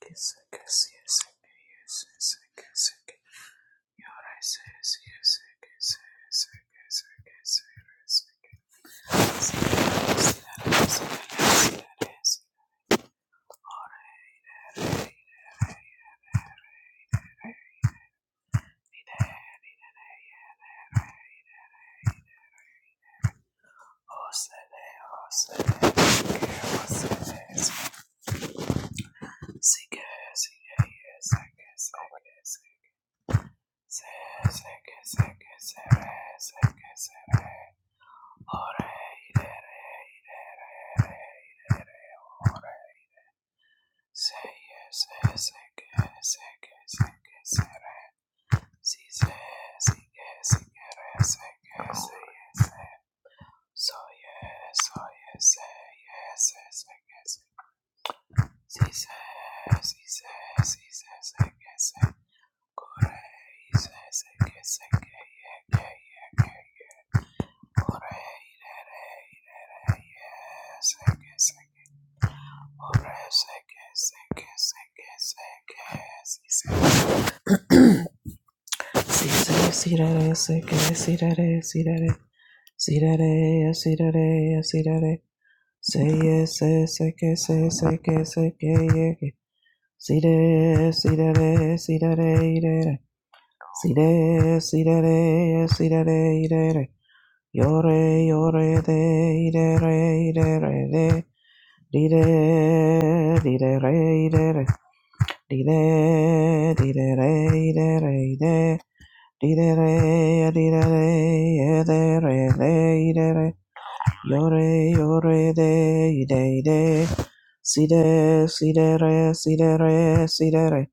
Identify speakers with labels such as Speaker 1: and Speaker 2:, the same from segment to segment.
Speaker 1: Say yes, yes, yes, say yes, say yes, say yes. Sigue, sigue, sigue, sigue, sigue. Soy, soy, sigue, sigue, sigue. Sigue, sigue, sigue, sigue, sigue. Corre, sigue, sigue, sigue, sigue, sigue. Corre, sigue, sigue. Corre, sigue, sigue, sigue, sigue, sigue. Sigue, sigue, sigue, sigue, sigue. Sirare, sirare, sirare, sirare. Say yes, yes, say yes, say say yes, say yes, yes. See that, see that, see that, that. See that, see that, see that, Yore, yore, de, de, re, de, re, de. Di de, di de, re, de, re. Di de, di de, re, de, re, de. Di de, re, di de, re, de, re, de, de. Yore, yore, de, de, de. Si de, si de, re, si de, re, si de, re.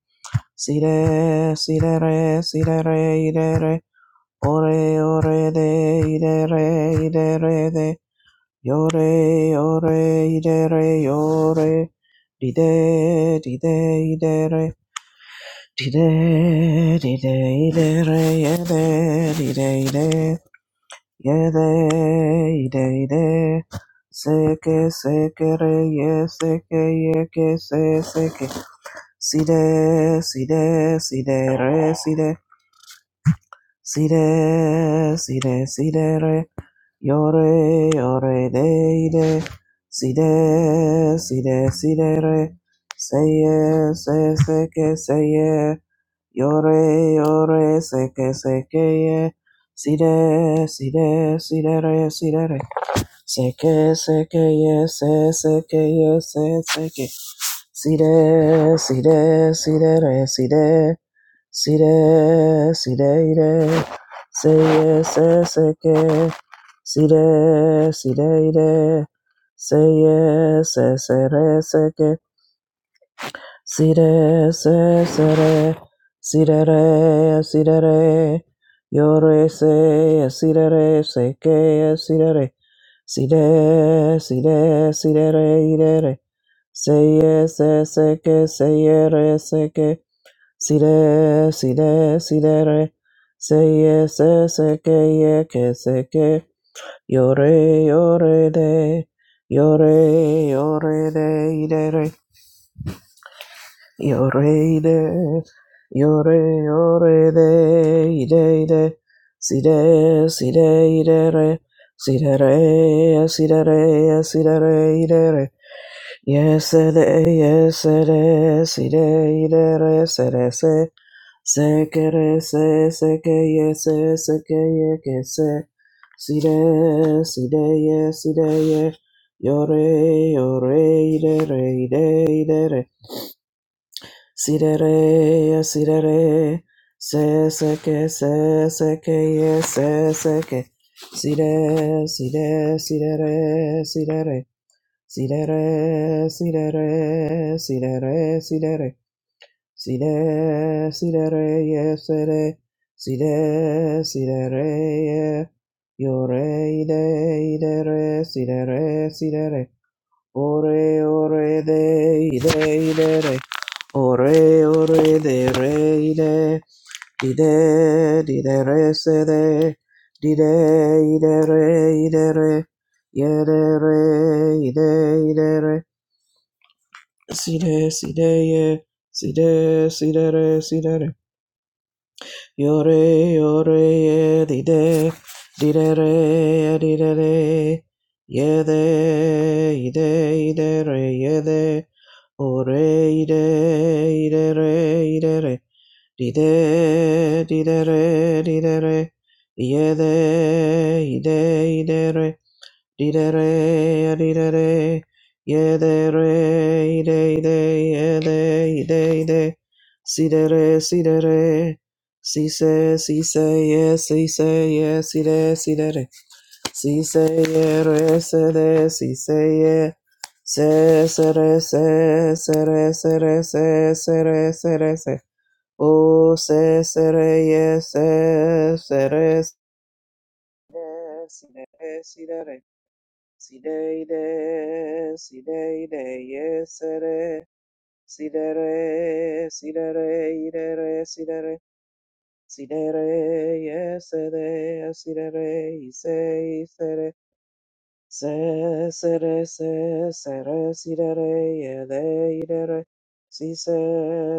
Speaker 1: Si de, si de, re, si de, re, i de, re. Ore, ore, de, i de, re, i de, re, de. Yore, yore, i de, re, yore. Di de, di de, i de, re. Di de, di de, i de, re, ye de, di de, i de. Yede, yede, yede. Seke, seke, re, ye, seke, ye, ke, se, seke. Side, side, side, re, side. Side, side, side, re. Yore, yore, de, de. Side, side, side, re. Seye, se, seke, seye. Yore, yore, seke, seke, ye. Side, side, side, re, side, re. Seke, seke, yes, yes, seke, yes, yes, seke. See there, see there, see there, see there, see there, see there, there. Say yes, yes, seke. See there, see there, there. Say yes, yes, yes, seke. Sire, se, sere, sirere, sirere, yore, se, sirere, se, que, sirere, sire, sire, sirere, irere, se, se, se, que, se, yere, se, que, sire, sire, sirere, se, se, se, que, ye, que, se, que, yore, yore, de, yore, yore, de, irere, Yore de, yore yore de, ide de, si de, si de, ide re, si de re, si de re, si de re, ide re. Yes de, yes de, si de, ide re, se de se, se que re se, se que ye se que ye que se, si de, si de ye, si de ye. Yore, yore, ide re, ide, ide re. Sirere, sirere, se seke, se seke, ye se seke. Sire, sire, sirere, sirere, sirere, sirere, sirere, sirere. Sire, sirere, ye sere, sire, sirere, ye. Yore, ide, idere, sirere, sirere. Ore ore de de, de, re. Ore ore de re de, ide de, di, de, re se de ide de, i, de, re i, de, re ye, de, re ide de, i, de, re si de si de ye si de si de re si de re Yore, yore, dide, dide re, dide re, yede, ide, ide re, yede, ore, ide, ide re, ide re, dide, dide re, dide re, yede, ide, ide re, Dee re Didere, didere, yedere, ide, ide, yede, ide, ide, sidere, sidere, sise, si yes, re si side, re, si yere, si sise, ye, si se, sere, se, sere, re se, sere, sere, se, ye, se o, se, se re, yes, se, se re, se re se, o se, se re ye, se, se re, se, si sidere, re. si de re. Si de de, si de de, yes re, si de re, si de re, i de re, si de re, si de re, yes de, si de re, i se, i se re, se, se re, se, se re, si de re, ye de, i de re, si se,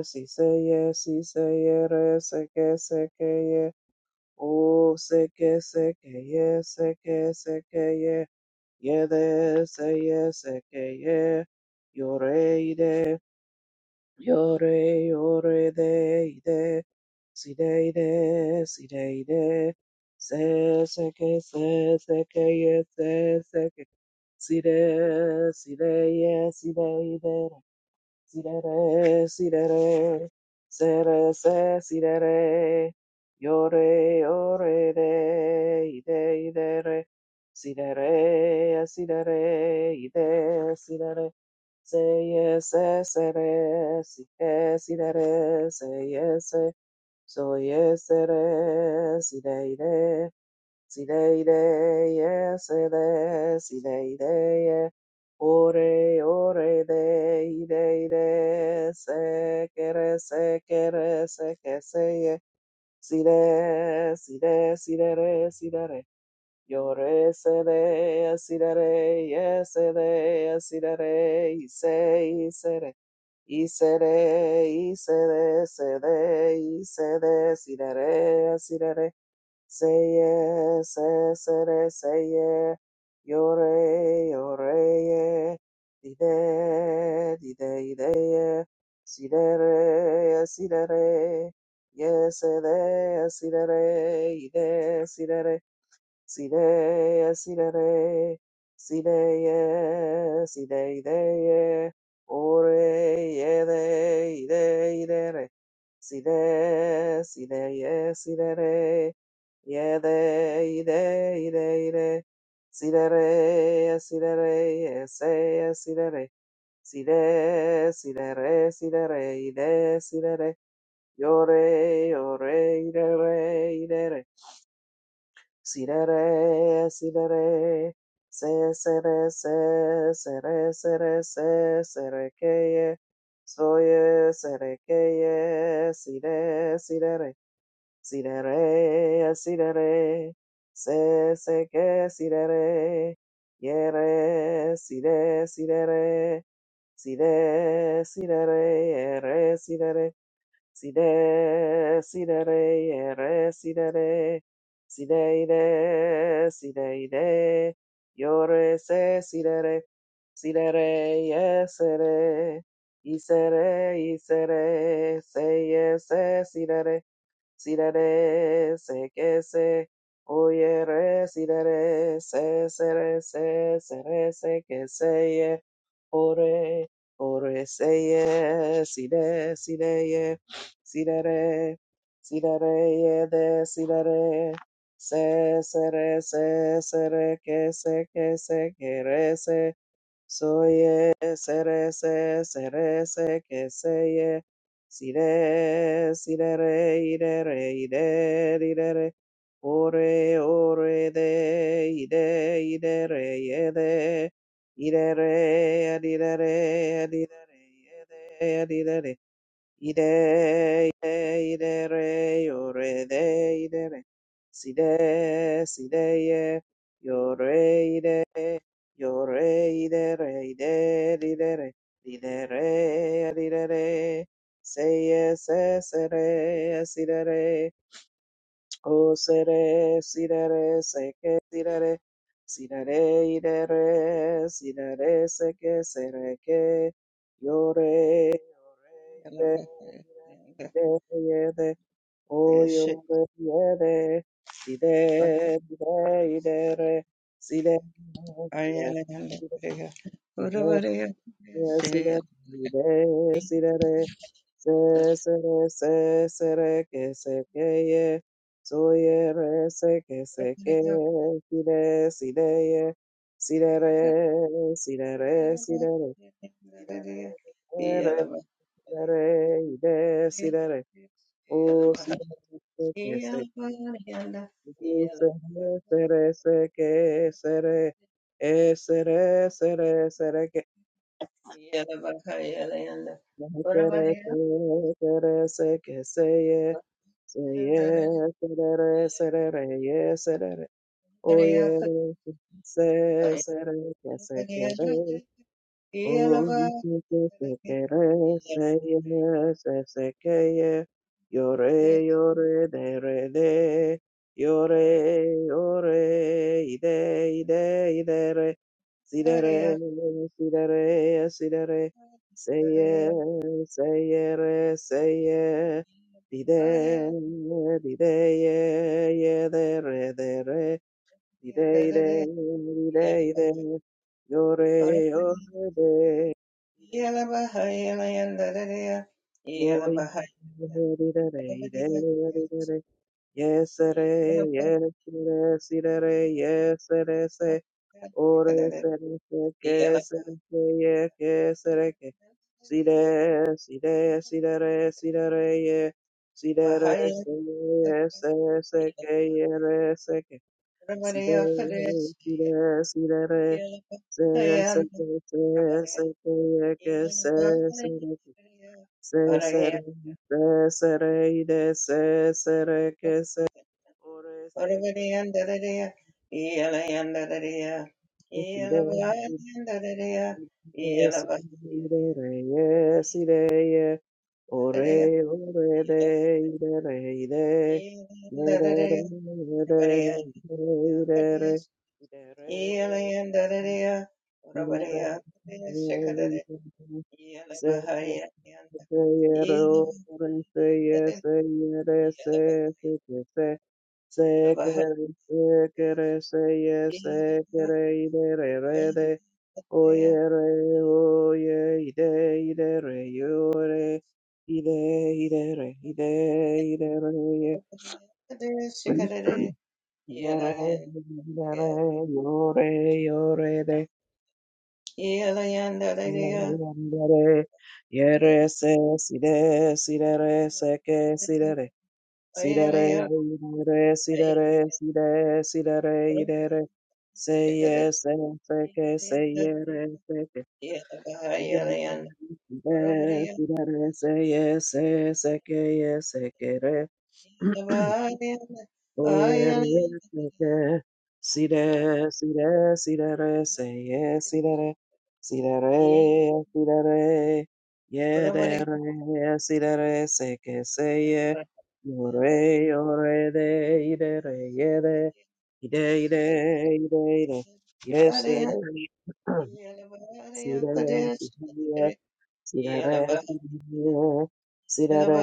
Speaker 1: si se, yes, si se, ye re, se que, se que, O seke seke ye seke seke ye yede se ye seke ye yore ide yore yore de ide si de ide si de ide se seke se seke ye se seke si de si de ye si de ide Si Sirere, sirere, sere, se, re se si sirere, yore, yore, de, ide, idere, sirere, sirere, ide, sirere, seye, se, ye se se re, sere, sike, sirere, seye, se, ye se, soye, sere, sire, Si dei dei, se de, si dei dei, ore ore dei dei de, se kere se kere se ke se ye, si de, si de, si de re, si de re, yo re se de, si de re, ye se de, si de re, i se, i se re. Y se re i se de se de i se de si de y si de. siraré. Say yeah, say, say, yeah. Yore, yore, yeah. Dide, dide, ide, yeah. Sidere, sidere. Yes, ide, sidere, ide, sidere. Sideye, sidere, sideye, sideideye, oreye, de, ide, idere, side, sideye, sidere, yede, ide, ide, ide, sidere, sidere, ese, sidere, side, sidere, sidere, ide, sidere, yore, yore, idere, idere, Si re re, si re re, se se re se, se re se re se, se re ke ye, so ye, se re ke ye, si re, si re re, si re re, si re re, se se ke si re re, ye re, si re, si re re, si re, si re re, ye re, si re re. Side, side, re, re, side, re, side, ide, side, ide, yore, se, side, re, side, re, yes, re, isere, isere, se, yes, se, side, re, sirere se que se oye oyere sirere se sere se sere se que se ye ore ore se ye sire sire ye sirere sirere ye de sirere se sere se sere que se que se que re se Soye serese se sere se que se seye sire sire re irere ide re ore ore de ide ide re ye de ire re yede re adidere adidere yede adidere Ide, ide, ide, re, yo, re, de, ide, re. Si, de, si, de, ye, yo, re, ide, yo, re, ide, re, ide, ide, re. Ide, re, ide, re. Se, ye, se, se, re, si, de, re. O sere sirere seke sirere sirere idere sirere seke sereke yore yore ide ide yede o yore yede ide ide idere sire, sire si re re si re re se se re se se re que se que ye soy re se que se que si re si re ye si re re si re re si re re si re re re re re y re si re re o si re se que se u se re se re se que se re e se re se re Kere se, kere se, ke se ye, se ye, se re re, se re re, ye, se re re, o ye re, se
Speaker 2: Yeah.
Speaker 1: se re, ke se kere. Oh, se se se quere, se ye, se se que ye Yore, yore, de, re, de. Yore, yore, ide, ide, idere sidere Sidere, sidere, se Seye, se yere, se ye Dide, dide, ye, ye, de, re, de, re. Ide, ide, ide, ide, yore, yore, de. Ide, re, oi, ide, ide, re, ide, re, ide, re. di day day, day day day day. Yes, re, yes, yes, ide, re, re, yes, re, se. Ore, se, re, se, ke, se, re, se, ye, ke, se, re, ke. Si, re si, re si, de, re, si, de, re, ye. Si, de, re,
Speaker 2: Yeah.
Speaker 1: se, ye, se, se, ke, ye, re, se, ke. Si re, si re, si re re, se se
Speaker 2: Yeah.
Speaker 1: ke se se ke ye ke se se re ke se se re se se re i de se se re ke se o re se ke se si re si si, re si re re ye si re ye o re o re de i de re i de ye de re ye de ye i de re i de re Yore, yore, yore,
Speaker 2: Yeah.
Speaker 1: yore, yore, Yandere, yere se, sire, sirere, seke, sirere, sirere, irere, sirere, sire, sirere, irere, seye, se, seke, seyere, seke, irere, sire, sirere, seye, se, seke, ye, sekere. Sire, sire, sire, seye, sire, sire, sire, yere, sire, seke, seye, yore, yore, de, ire, re, yere, ide, ide, ide, ide, yesere, sire, sire, sire, sire, sire,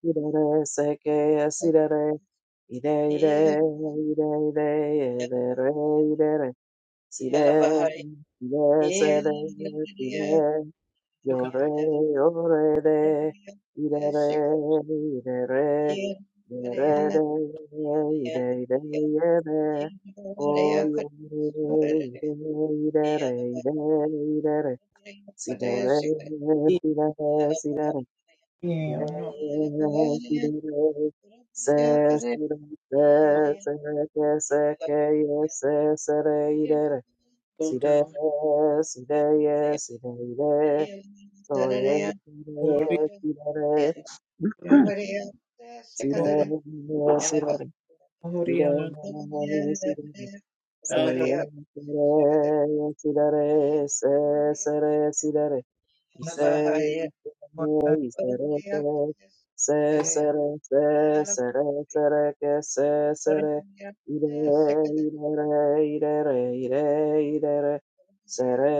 Speaker 1: sire, seke, sire, Ide, ide, ide, ide, ide, re, ide, re. Si, de, ide, se, de, si, de, yo,
Speaker 3: Yukata
Speaker 1: re, yo, re, de. Ide, re, ide, re, ide, re,
Speaker 2: Yeah.
Speaker 1: de, ide, ide, ide, de. O, yo, re, ide, ide, re, ide, ide, re. Si, de, re, si, de, re, si, de, re.
Speaker 3: Iya
Speaker 1: Sidere,
Speaker 3: no Oto Oriana Mo Oriana Aha Isaka
Speaker 2: Yeah. Yeah.
Speaker 1: se
Speaker 3: Iya
Speaker 1: sere ke se sere se sere sere ke se sere ire ire ire ire ire ire sere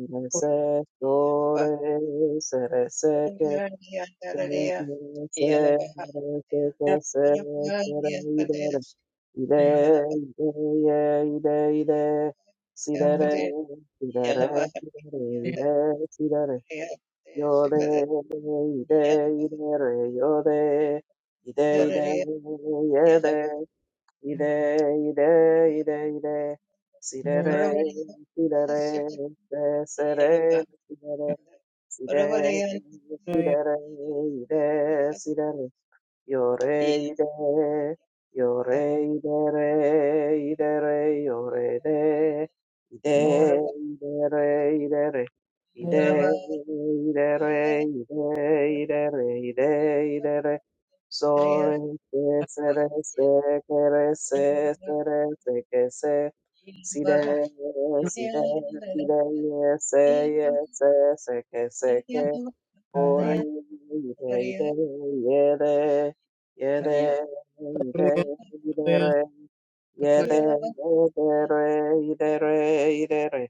Speaker 1: ire se dore sere se ke se ire se ire se ke
Speaker 3: Koyate
Speaker 1: se sere ire ire ire ire ire ire
Speaker 3: Mo
Speaker 1: sidere sidere sidere ire sidere Yore, ide, ide, re, yore, ide,
Speaker 3: Oriana
Speaker 1: ide, yede, ide, ide, ide, ide,
Speaker 3: Mo
Speaker 1: sire, re, sire, re, se, se, re, sire, re, sire, sire,
Speaker 3: Oriana
Speaker 1: re, ide, sire, re. Yore ide, yore idere, idere, yore de, ide,
Speaker 3: Mo
Speaker 1: ide, idere, ide,
Speaker 3: Oriana
Speaker 1: idere, ide, idere, ide, ide, re, ide, ide, idere. Sore, se, sere, se, kere, se, sere, se, ke, se. Side, side, side, ye, se, ye, se, se, ke, se, ke.
Speaker 3: Aha
Speaker 1: Ore ire ire yere yere ire ire
Speaker 3: Oriana
Speaker 1: yere
Speaker 3: Akare
Speaker 1: yere ire ire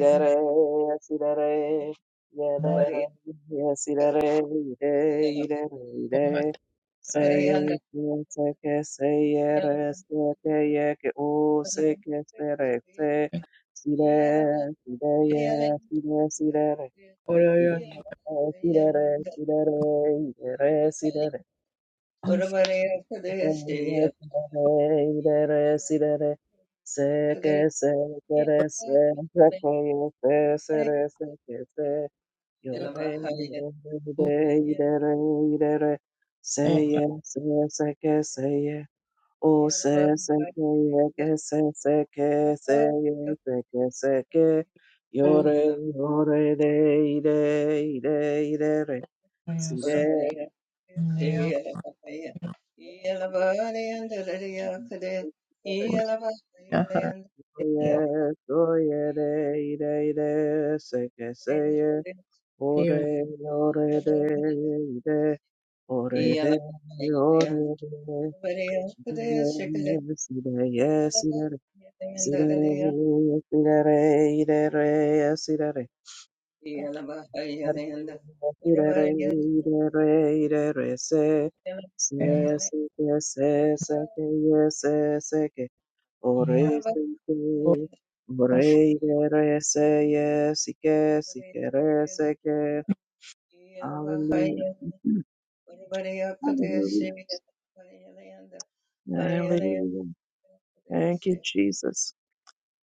Speaker 3: Iya
Speaker 1: sirere yere
Speaker 3: Mo
Speaker 1: sirere ire ire ire
Speaker 3: Ohata
Speaker 1: seye seke seyere seke yeke o seke sere se sire sireye sire sirere Yore,
Speaker 2: Yeah.
Speaker 3: Oriana
Speaker 2: Yeah.
Speaker 1: yore,
Speaker 3: Ashaka O Aha
Speaker 1: de, de, de, de, See
Speaker 3: Oyasa
Speaker 1: that?
Speaker 3: Nea Oriana
Speaker 1: Oye, oye, de, ide, ide, se que se ye, ore,
Speaker 3: Hiyo
Speaker 1: ore, de,
Speaker 2: Hello,
Speaker 1: ide,
Speaker 3: ni
Speaker 1: ore, de, ore, de, ide, si de, ye, si de, re, si de, re, si de, re, ide, re, si de, re,
Speaker 3: pamoja
Speaker 1: si de, re, ide, re, ide, re, se, se, si, que, se, se, que, ye, se, se, que,
Speaker 3: na
Speaker 1: Ore seke,
Speaker 3: kuhakikisha
Speaker 1: ore yere se ye sike, sikere seke. Hallelujah. Hallelujah. Hallelujah. Thank you, Jesus.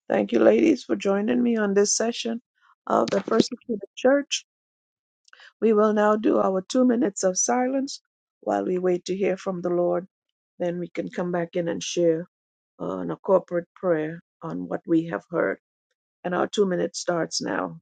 Speaker 1: Thank you, ladies, for joining me on this session of the persecuted church. We will now do our two minutes of silence while we wait to hear from the Lord. Then we can come back in and share on a corporate prayer on what we have heard. And our two minutes starts now.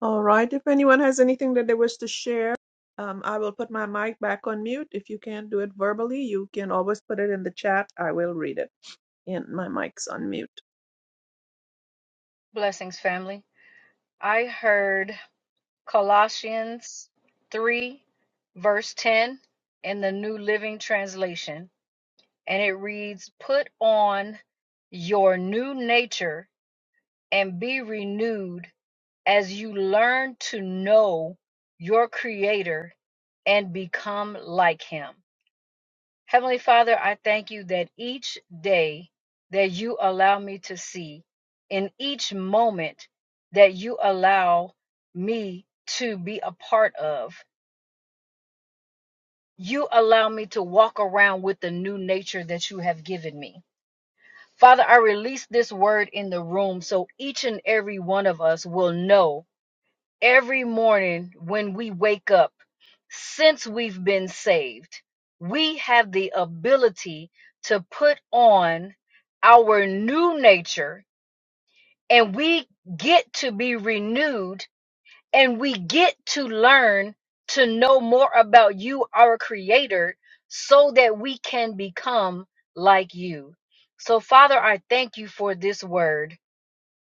Speaker 1: All right. If anyone has anything that they wish to share, um, I will put my mic back on mute. If you can't do it verbally, you can always put it in the chat. I will read it. And my mic's on mute.
Speaker 4: Blessings, family. I heard Colossians 3, verse 10 in the New Living Translation, and it reads, Put on your new nature and be renewed as you learn to know your Creator and become like Him. Heavenly Father, I thank you that each day that you allow me to see, in each moment that you allow me to be a part of, you allow me to walk around with the new nature that you have given me. Father, I release this word in the room so each and every one of us will know every morning when we wake up, since we've been saved, we have the ability to put on our new nature and we get to be renewed and we get to learn to know more about you, our creator, so that we can become like you. So, Father, I thank you for this word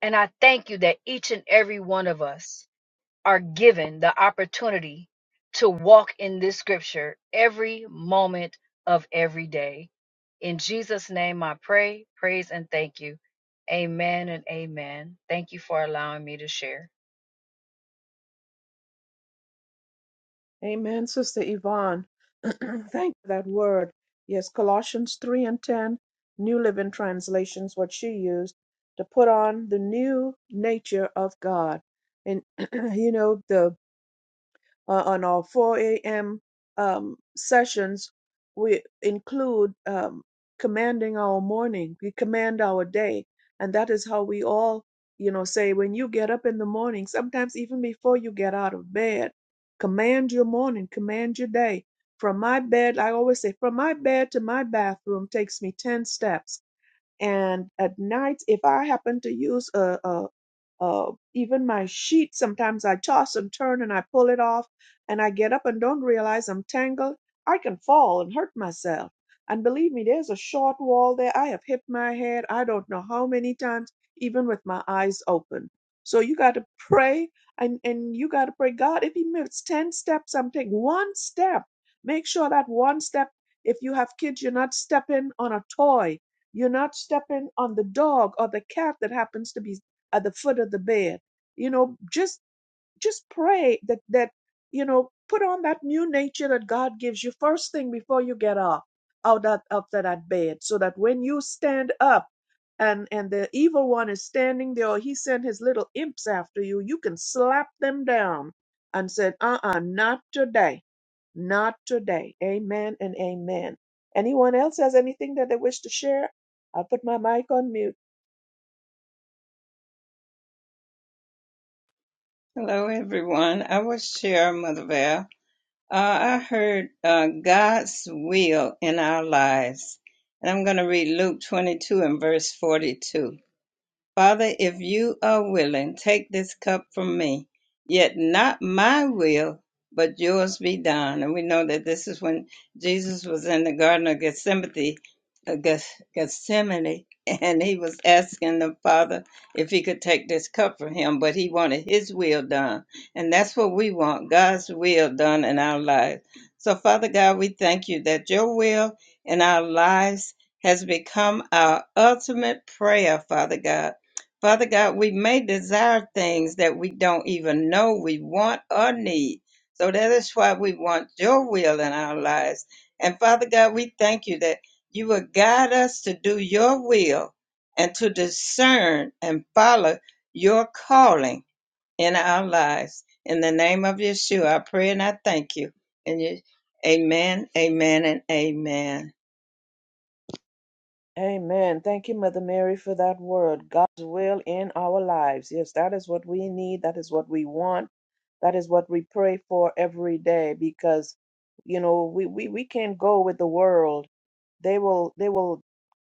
Speaker 4: and I thank you that each and every one of us are given the opportunity to walk in this scripture every moment of every day. In Jesus' name, I pray, praise, and thank you. Amen and amen. Thank you for allowing me to share.
Speaker 1: Amen, Sister Yvonne. Thank you for that word. Yes, Colossians 3 and 10, New Living Translations, what she used to put on the new nature of God. And, you know, the uh, on our 4 a.m. Um, sessions, we include um, commanding our morning. We command our day. And that is how we all, you know, say when you get up in the morning, sometimes even before you get out of bed, command your morning, command your day. From my bed, I always say, from my bed to my bathroom takes me 10 steps and at night, if I happen to use a, a, a even my sheet, sometimes I toss and turn and I pull it off, and I get up and don't realize I'm tangled. I can fall and hurt myself. And believe me, there's a short wall there. I have hit my head. I don't know how many times, even with my eyes open. So you got to pray, and and you got to pray, God. If He moves ten steps, I'm taking one step. Make sure that one step if you have kids, you're not stepping on a toy you're not stepping on the dog or the cat that happens to be at the foot of the bed. You know, just just pray that that you know put on that new nature that god gives you first thing before you get up out of after that bed so that when you stand up and and the evil one is standing there or he sent his little imps after you you can slap them down and said uh-uh not today not today amen and amen anyone else has anything that they wish to share i'll put my mic on mute
Speaker 2: everyone. I will share Mother Val. Uh, I heard uh, God's will in our lives. And I'm going to read Luke 22 and verse 42. Father, if you are willing, take this cup from me. Yet not my will, but yours be done. And we know that this is when Jesus was in the Garden of Gethsemane, uh, Geth- Gethsemane, and he was asking the Father if he could take this cup from him, but he wanted his will done. And that's what we want God's will done in our lives. So, Father God, we thank you that your will in our lives has become our ultimate prayer, Father God Father God, we may desire things that we don't even know we want or need. So that is why we want your will in our lives. And Father God, we thank you that you will guide us to do your will and to discern and follow your calling in our lives. In the name of Yeshua, I pray and I thank you. And you, amen, amen, and amen.
Speaker 1: Amen. Thank you, Mother Mary, for that word. God's will in our lives. Yes, that is what we need. That is what we want. That is what we pray for every day because, you know, we, we, we can't go with the world. They will they will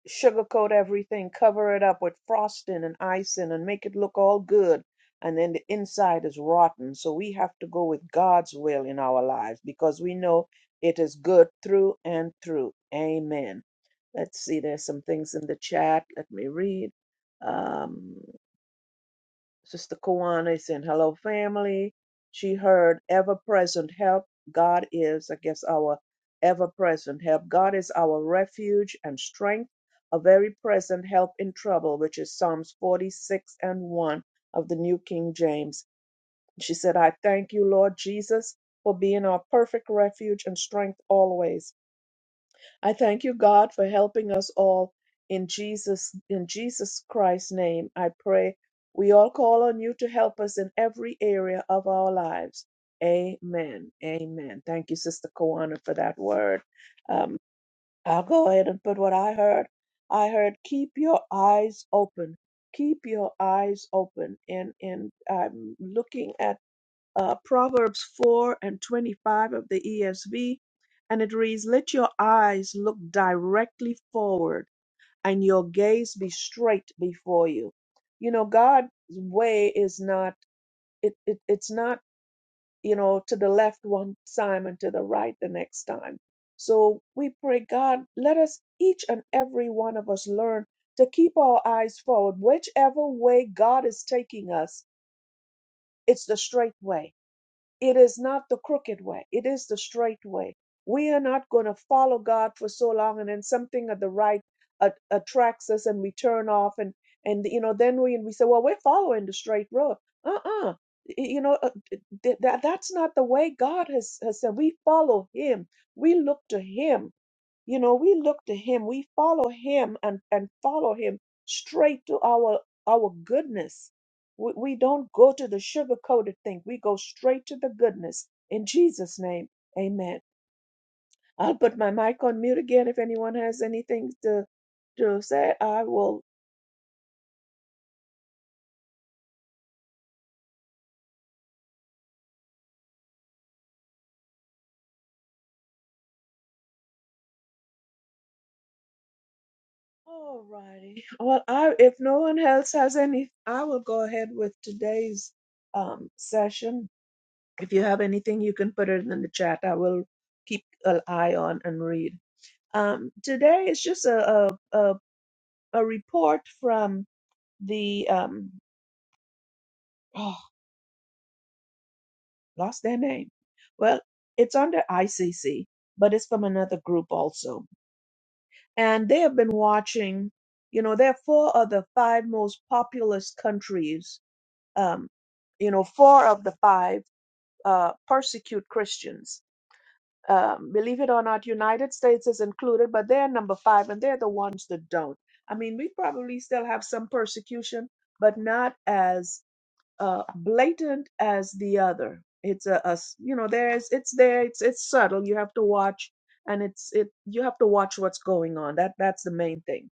Speaker 1: sugarcoat everything, cover it up with frosting and icing and make it look all good. And then the inside is rotten. So we have to go with God's will in our lives because we know it is good through and through. Amen. Let's see, there's some things in the chat. Let me read. Um, Sister Kawana is in Hello Family. She heard ever present help. God is, I guess, our ever present help. God is our refuge and strength, a very present help in trouble, which is Psalms 46 and 1 of the New King James. She said, I thank you, Lord Jesus, for being our perfect refuge and strength always. I thank you, God, for helping us all in Jesus in Jesus Christ's name. I pray we all call on you to help us in every area of our lives. Amen. Amen. Thank you, Sister Kawana, for that word. Um, I'll go ahead and put what I heard. I heard keep your eyes open. Keep your eyes open. And and I'm looking at uh, Proverbs 4 and 25 of the ESV, and it reads, Let your eyes look directly forward and your gaze be straight before you. You know, God's way is not, it, it, it's not, you know, to the left one time and to the right the next time. So we pray, God, let us, each and every one of us, learn to keep our eyes forward. Whichever way God is taking us, it's the straight way it is not the crooked way, it is the straight way. We are not going to follow God for so long and then something of the right a- attracts us and we turn off and and you know then we and we say well we're following the straight road. Uh-uh. Y- You know uh, th- th- that that's not the way God has has said we follow him. We look to him you know, we look to him, we follow him and, and follow him straight to our our goodness. We, we don't go to the sugar coated thing. We go straight to the goodness. In Jesus' name, amen. I'll put my mic on mute again if anyone has anything to to say. I will Alrighty. Well, I if no one else has any, I will go ahead with today's um, session. If you have anything, you can put it in the chat. I will keep an eye on and read. Um, today is just a a, a, a report from the um, oh, lost their name. Well, it's under ICC, but it's from another group also, and they have been watching. You know, there are four of the five most populous countries. Um, you know, four of the five uh, persecute Christians um, believe it or not, United States is included, but they're number five, and they're the ones that don't. I mean, we probably still have some persecution, but not as uh, blatant as the other. It's a, a s- you know, there's it's there, it's it's subtle. You have to watch, and it's it you have to watch what's going on. That that's the main thing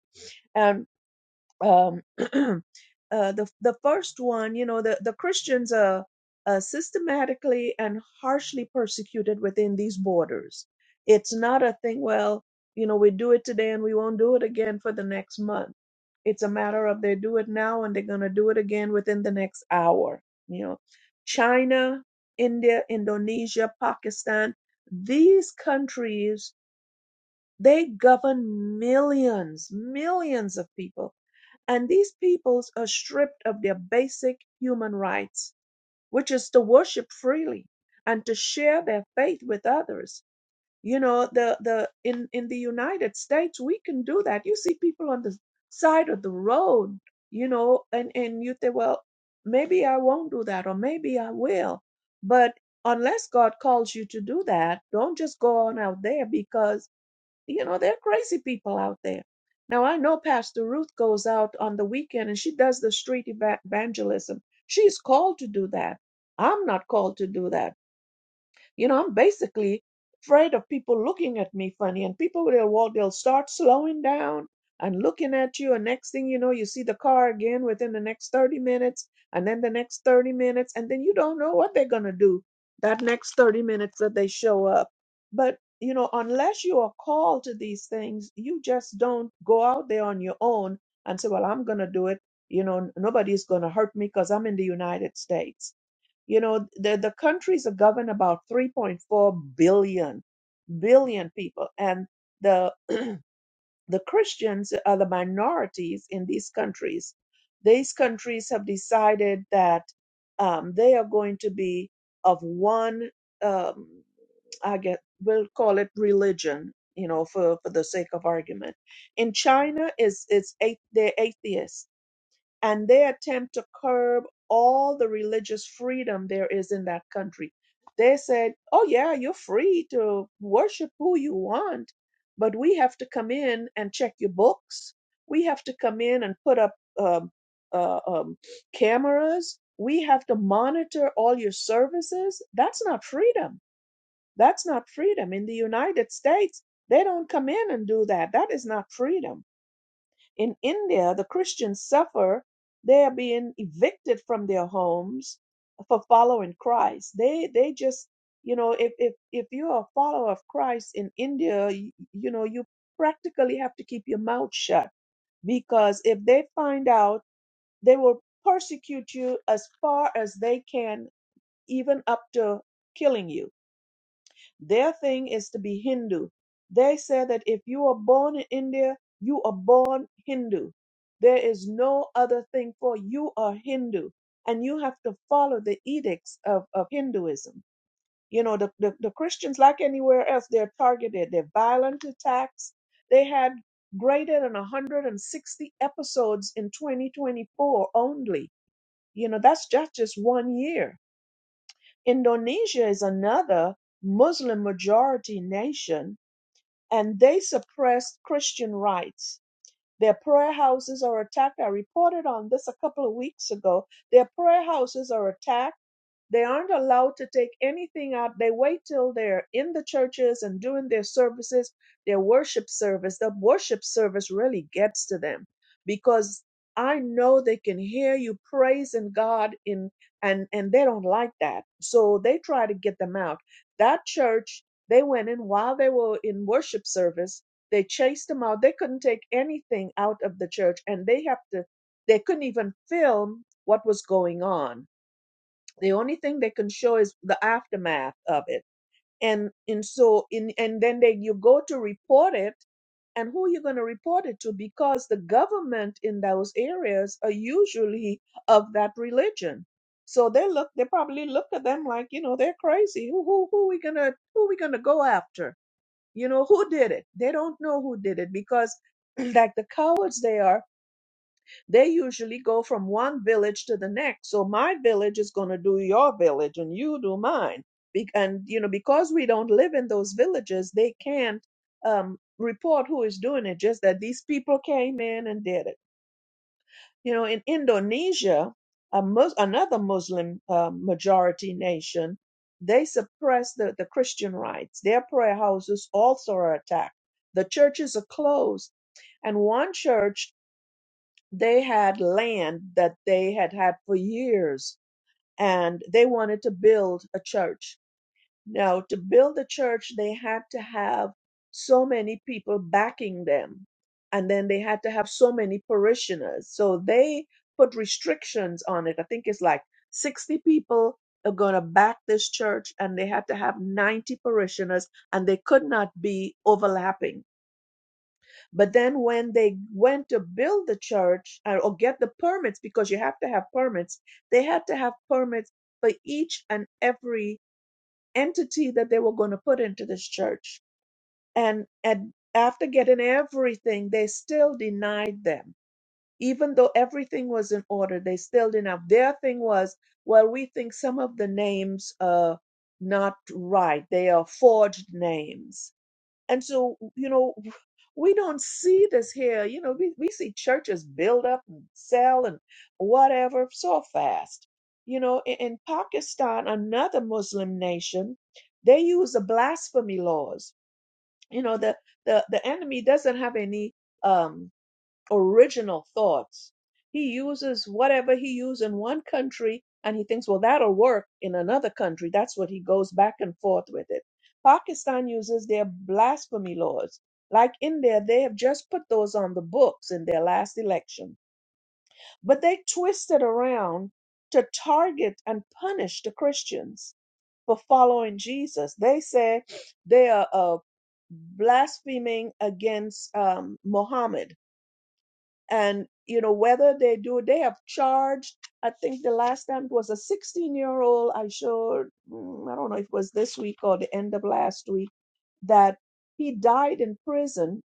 Speaker 1: um, uh, the the first one, you know, the the Christians are, uh systematically and harshly persecuted within these borders. It's not a thing. Well, you know, we do it today and we won't do it again for the next month. It's a matter of they do it now and they're going to do it again within the next hour. You know, China, India, Indonesia, Pakistan, these countries they govern millions, millions of people and these peoples are stripped of their basic human rights, which is to worship freely and to share their faith with others. You know, the the in in the United States we can do that. You see people on the side of the road, you know, and and you think, well, maybe I won't do that, or maybe I will. But unless God calls you to do that, don't just go on out there because you know, there are crazy people out there. Now, I know Pastor Ruth goes out on the weekend and she does the street eva- evangelism. She's called to do that. I'm not called to do that. You know, I'm basically afraid of people looking at me funny and people will walk, they'll start slowing down and looking at you. And next thing you know, you see the car again within the next 30 minutes and then the next 30 minutes. And then you don't know what they're going to do that next 30 minutes that they show up. But, you know, unless you are called to these things, you just don't go out there on your own and say, well, I'm going to do it. You know, n- nobody's going to hurt me because I'm in the United States you know, the, the countries are governed about 3.4 billion, billion people. And the, the Christians are the minorities in these countries. These countries have decided that um, they are going to be of one, um, I guess we'll call it religion, you know, for, for the sake of argument. In China, is it's, it's they're atheists and they attempt to curb all the religious freedom there is in that country. They said, oh, yeah, you're free to worship who you want, but we have to come in and check your books. We have to come in and put up um, uh, um, cameras. We have to monitor all your services. That's not freedom. That's not freedom. In the United States, they don't come in and do that. That is not freedom in India, the Christians suffer. They are being evicted from their homes for following Christ. They they just you know if if if you're a follower of Christ in India, you, you know you practically have to keep your mouth shut because if they find out, they will persecute you as far as they can, even up to killing you their thing is to be Hindu. They say that if you are born in India, you are born Hindu. There is no other thing for you are Hindu. And you have to follow the edicts of, of Hinduism. You know, the, the, the Christians, like anywhere else, they're targeted. They're violent attacks. They had greater than 160 episodes in 2024 only. You know, that's just, just one year Indonesia is another Muslim majority nation, and they suppressed Christian rights. Their prayer houses are attacked. I reported on this a couple of weeks ago. Their prayer houses are attacked they aren't allowed to take anything out. They wait till they're in the churches and doing their services, their worship service. The worship service really gets to them because I know they can hear you praising God in and and they don't like that. So they try to get them out. That church they went in while they were in worship service. They chased them out. They couldn't take anything out of the church and they have to they couldn't even film what was going on the only thing they can show is the aftermath of it. And and so in and then they you go to report it and who are you going to report it to because the government in those areas are usually of that religion so they look they probably look at them like you know they're crazy who who who we gonna who we gonna go after you know who did it they don't know who did it because like the cowards they are they usually go from one village to the next. So my village is going to do your village and you do mine. Be- and, you know, because we don't live in those villages, they can't um, report who is doing it, just that these people came in and did it. You know, in Indonesia, a Mus- another Muslim uh, majority nation, they suppress the, the Christian rights. Their prayer houses also are attacked. The churches are closed. And one church they had land that they had had for years and they wanted to build a church. Now, to build a church, they had to have so many people backing them, and then they had to have so many parishioners. So they put restrictions on it. I think it's like 60 people are going to back this church, and they had to have 90 parishioners, and they could not be overlapping but then when they went to build the church uh, or get the permits, because you have to have permits, they had to have permits for each and every entity that they were going to put into this church. And, and after getting everything, they still denied them. Even though everything was in order, they still didn't have. Their thing was, well, we think some of the names are not right. They are forged names and so, you know, we don't see this here. You know, we, we see churches build up and sell and whatever so fast. You know, in, in Pakistan, another Muslim nation, they use the blasphemy laws. You know, the, the, the enemy doesn't have any. um original thoughts. He uses whatever he used in one country and he thinks, well, that'll work in another country. That's what he goes back and forth with it. Pakistan uses their blasphemy laws. Like India, they have just put those on the books in their last election, but they twisted around to target and punish the Christians for following Jesus. They say they are uh, blaspheming against um, Mohammed and you know whether they do they have charged i think the last time it was a 16 year old i showed mm, i don't know if it was this week or the end of last week that he died in prison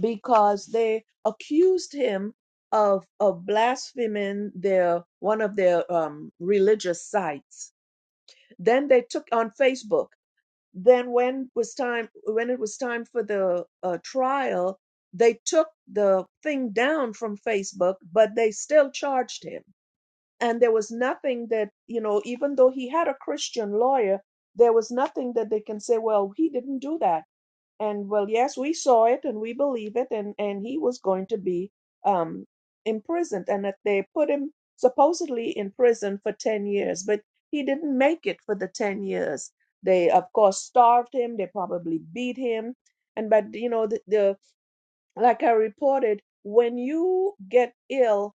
Speaker 1: because they accused him of of blaspheming their one of their um, religious sites then they took on facebook then when was time when it was time for the uh, trial they took the thing down from facebook but they still charged him and there was nothing that you know even though he had a christian lawyer there was nothing that they can say well he didn't do that and well yes we saw it and we believe it and and he was going to be um imprisoned and that they put him supposedly in prison for 10 years but he didn't make it for the 10 years they of course starved him they probably beat him and but you know the, the like i reported when you get ill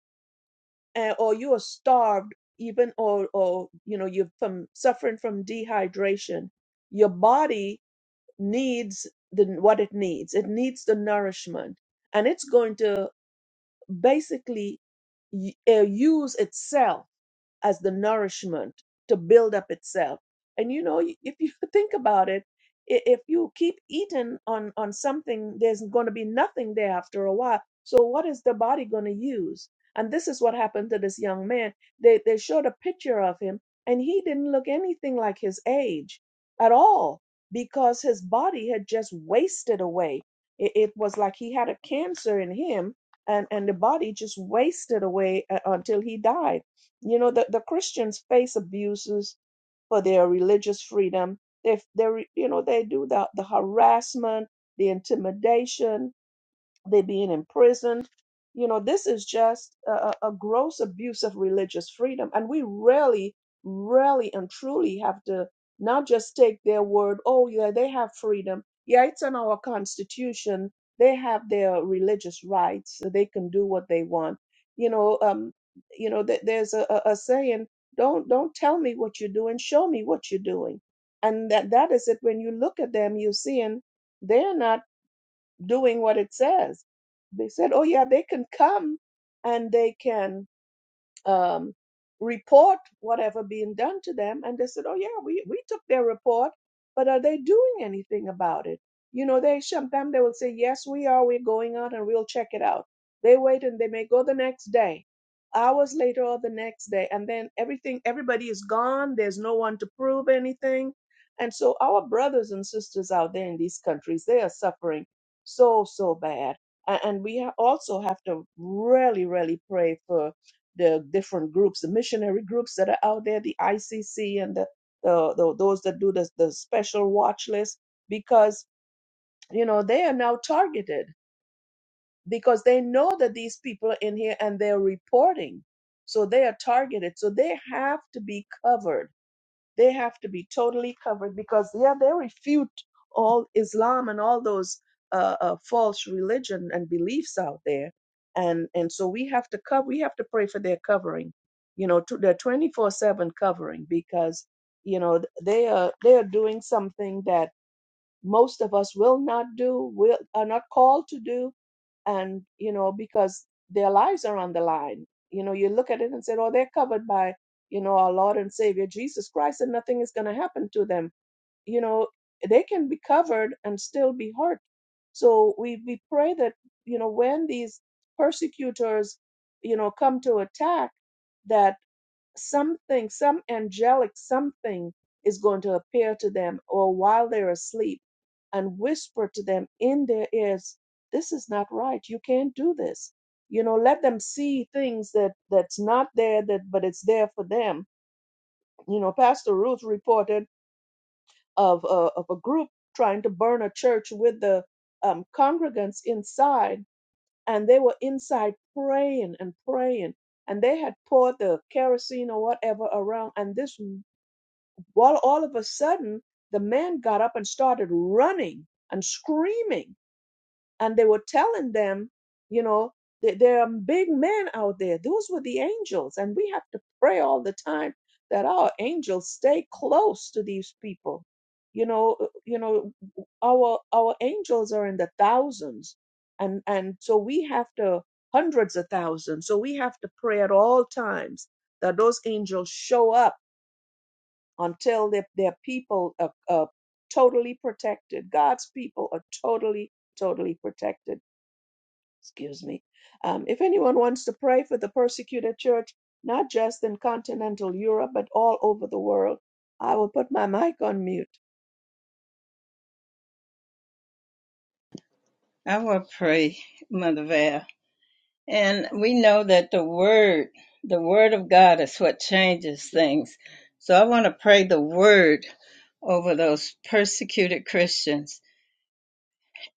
Speaker 1: uh, or you are starved even or or you know you're from suffering from dehydration your body needs the what it needs. It needs the nourishment, and it's going to basically y- uh, use itself as the nourishment to build up itself. And you know, if you think about it, i- if you keep eating on on something, there's going to be nothing there after a while. So what is the body going to use? And this is what happened to this young man. They they showed a picture of him, and he didn't look anything like his age at all because his body had just wasted away. It, it was like he had a cancer in him, and and the body just wasted away uh, until he died you know, the, the Christians face abuses for their religious freedom. They, they, you know, they do the, the harassment, the intimidation, they're being imprisoned. You know, this is just a, a gross abuse of religious freedom. And we really, really and truly have to not just take their word, oh, yeah, they have freedom. Yeah, it's in our constitution. They have their religious rights. So they can do what they want. You know, um, you know, th- there's a, a, a saying, don't don't tell me what you're doing, show me what you're doing. And that, that is it. When you look at them, you're seeing they're not doing what it says. They said, oh, yeah, they can come and they can um, report whatever being done to them. And they said, oh, yeah, we, we took their report, but are they doing anything about it? You know, they sometimes they will say, yes, we are. We're going out and we'll check it out. They wait and they may go the next day, hours later or the next day. And then everything, everybody is gone. There's no one to prove anything. And so our brothers and sisters out there in these countries, they are suffering so, so bad. A- And we ha- also have to really, really pray for the different groups, the missionary groups that are out there, the ICC and the, the, the those that do the, the special watch list, because you know they are now targeted because they know that these people are in here and they're reporting, so they are targeted. So they have to be covered they have to be totally covered because, yeah, they refute all Islam and all those uh, uh, false religion and beliefs out there. And, and so we have to cover, we have to pray for their covering, you know, to their 24 seven covering because, you know, th- they are, they are doing something that most of us will not do, will are not called to do, and you know because their lives are on the line. You know, you look at it and say, "Oh, they're covered by you know our Lord and Savior Jesus Christ, and nothing is going to happen to them." You know, they can be covered and still be hurt. So we we pray that you know when these persecutors you know come to attack that something, some angelic something is going to appear to them or while they're asleep and whisper to them in their ears, this is not right. You can't do this. You know, let them see things that that's not there that but it's there for them. You know, Pastor Ruth reported of a, of a group trying to burn a church with the um, congregants inside and they were inside praying and praying and they had poured the kerosene or whatever around and this well, all of a sudden, the man got up and started running and screaming. And they were telling them, you know, that there are big men out there. Those were the angels. And we have to pray all the time that our angels stay close to these people. You know, uh, you know, our our angels are in the thousands. And and so we have to hundreds of thousands. So we have to pray at all times that those angels show up until their, their people are, are totally protected. God's people are totally, totally protected. Excuse me. Um, if anyone wants to pray for the persecuted church, not just in continental Europe, but all over the world, I will put my mic on mute.
Speaker 2: I will pray, Mother Val. And we know that the Word, the Word of God is what changes things. So I want to pray the Word over those persecuted Christians.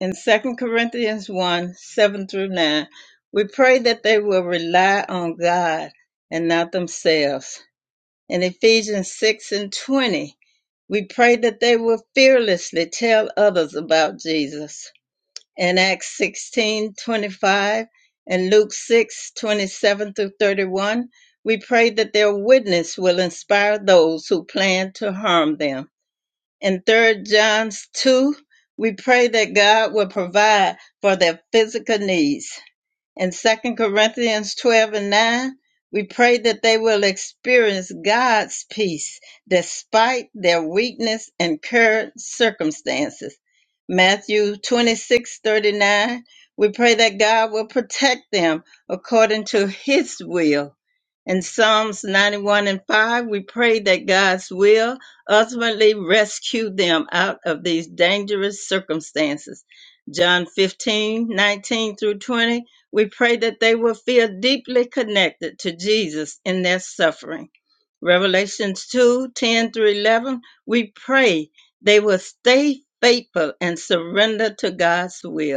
Speaker 2: In Second Corinthians 1 7 through 9, we pray that they will rely on God and not themselves. In Ephesians 6 and 20, we pray that they will fearlessly tell others about Jesus. In Acts 16 25 and Luke 6 27 through 31, we pray that their witness will inspire those who plan to harm them. In Third John 2, we pray that God will provide for their physical needs. In Second Corinthians 12 and 9, we pray that they will experience God's peace despite their weakness and current circumstances. Matthew 26 39, we pray that God will protect them according to his will. In Psalms 91 and 5, we pray that God's will ultimately rescue them out of these dangerous circumstances. John 15 19 through 20, we pray that they will feel deeply connected to Jesus in their suffering. Revelations 2 10 through 11, we pray they will stay faithful and surrender to God's will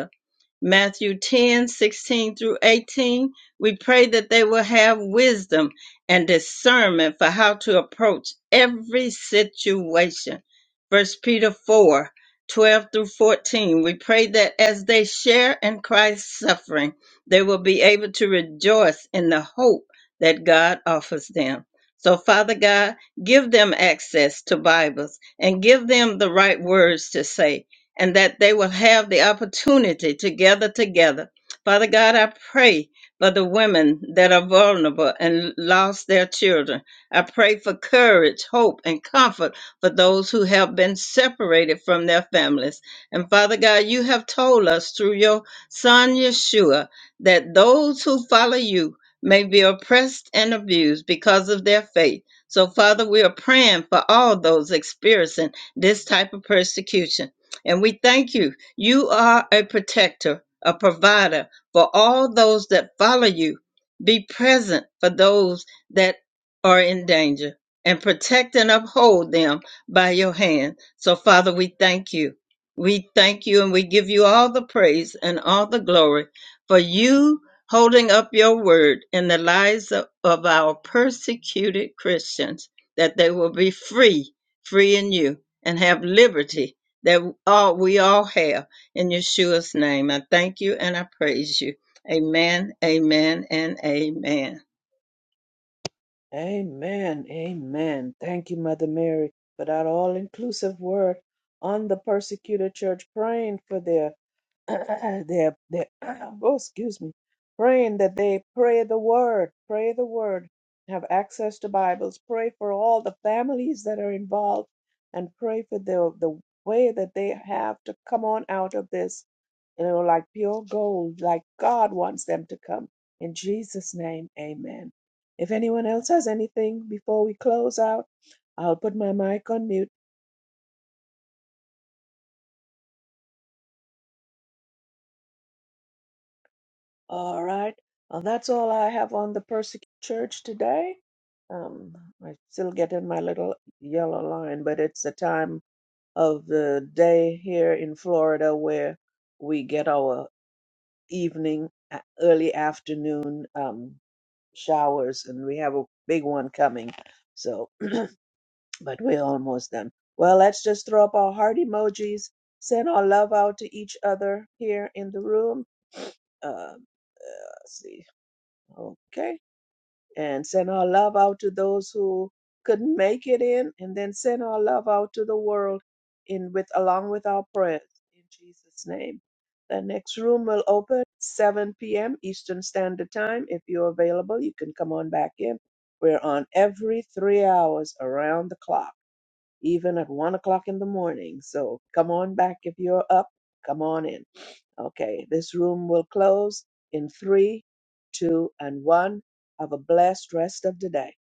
Speaker 2: Matthew 10 16 through 18. We pray that they will have wisdom and discernment for how to approach every situation. First Peter 4 12 through 14. We pray that as they share in Christ's suffering, they will be able to rejoice in the hope that God offers them. So, Father God, give them access to Bibles and give them the right words to say and that they will have the opportunity to gather together. Father God, I pray for the women that are vulnerable and lost their children. I pray for courage, hope, and comfort for those who have been separated from their families. And Father God, you have told us through your Son Yeshua that those who follow you may be oppressed and abused because of their faith. So, Father, we are praying for all those experiencing this type of persecution. And we thank you. You are a protector, a provider for all those that follow you. Be present for those that are in danger and protect and uphold them by your hand. So, Father, we thank you. We thank you and we give you all the praise and all the glory for you holding up your word in the lives of, of our persecuted Christians, that they will be free, free in you, and have liberty that all we all have in Yeshua's name. I thank you and I praise you. Amen, amen, and amen.
Speaker 1: Amen. Amen. Thank you, Mother Mary, for that all inclusive word on the persecuted church, praying for their they're, they're oh, excuse me, praying that they pray the word, pray the word, have access to Bibles, pray for all the families that are involved, and pray for the the way that they have to come on out of this, you know, like pure gold, like God wants them to come. In Jesus' name, Amen. If anyone else has anything before we close out, I'll put my mic on mute. All right. Well, that's all I have on the persecuted church today. Um, I still get in my little yellow line, but it's the time of the day here in Florida where we get our evening, a- early afternoon um, showers, and we have a big one coming. So, but we're almost done. Well, let's just throw up our heart emojis, send our love out to each other here in the room. Uh, uh, let's see. Okay. and send our love out to those who couldn't make it in and then send our love out to the world in with along with our prayers in jesus name the next room will open 7 p.m eastern standard time if you're available you can come on back in we're on every three hours around the clock even at one o'clock in the morning so come on back if you're up come on in Okay, this room will close in three, two, and one. Have a blessed rest of the day.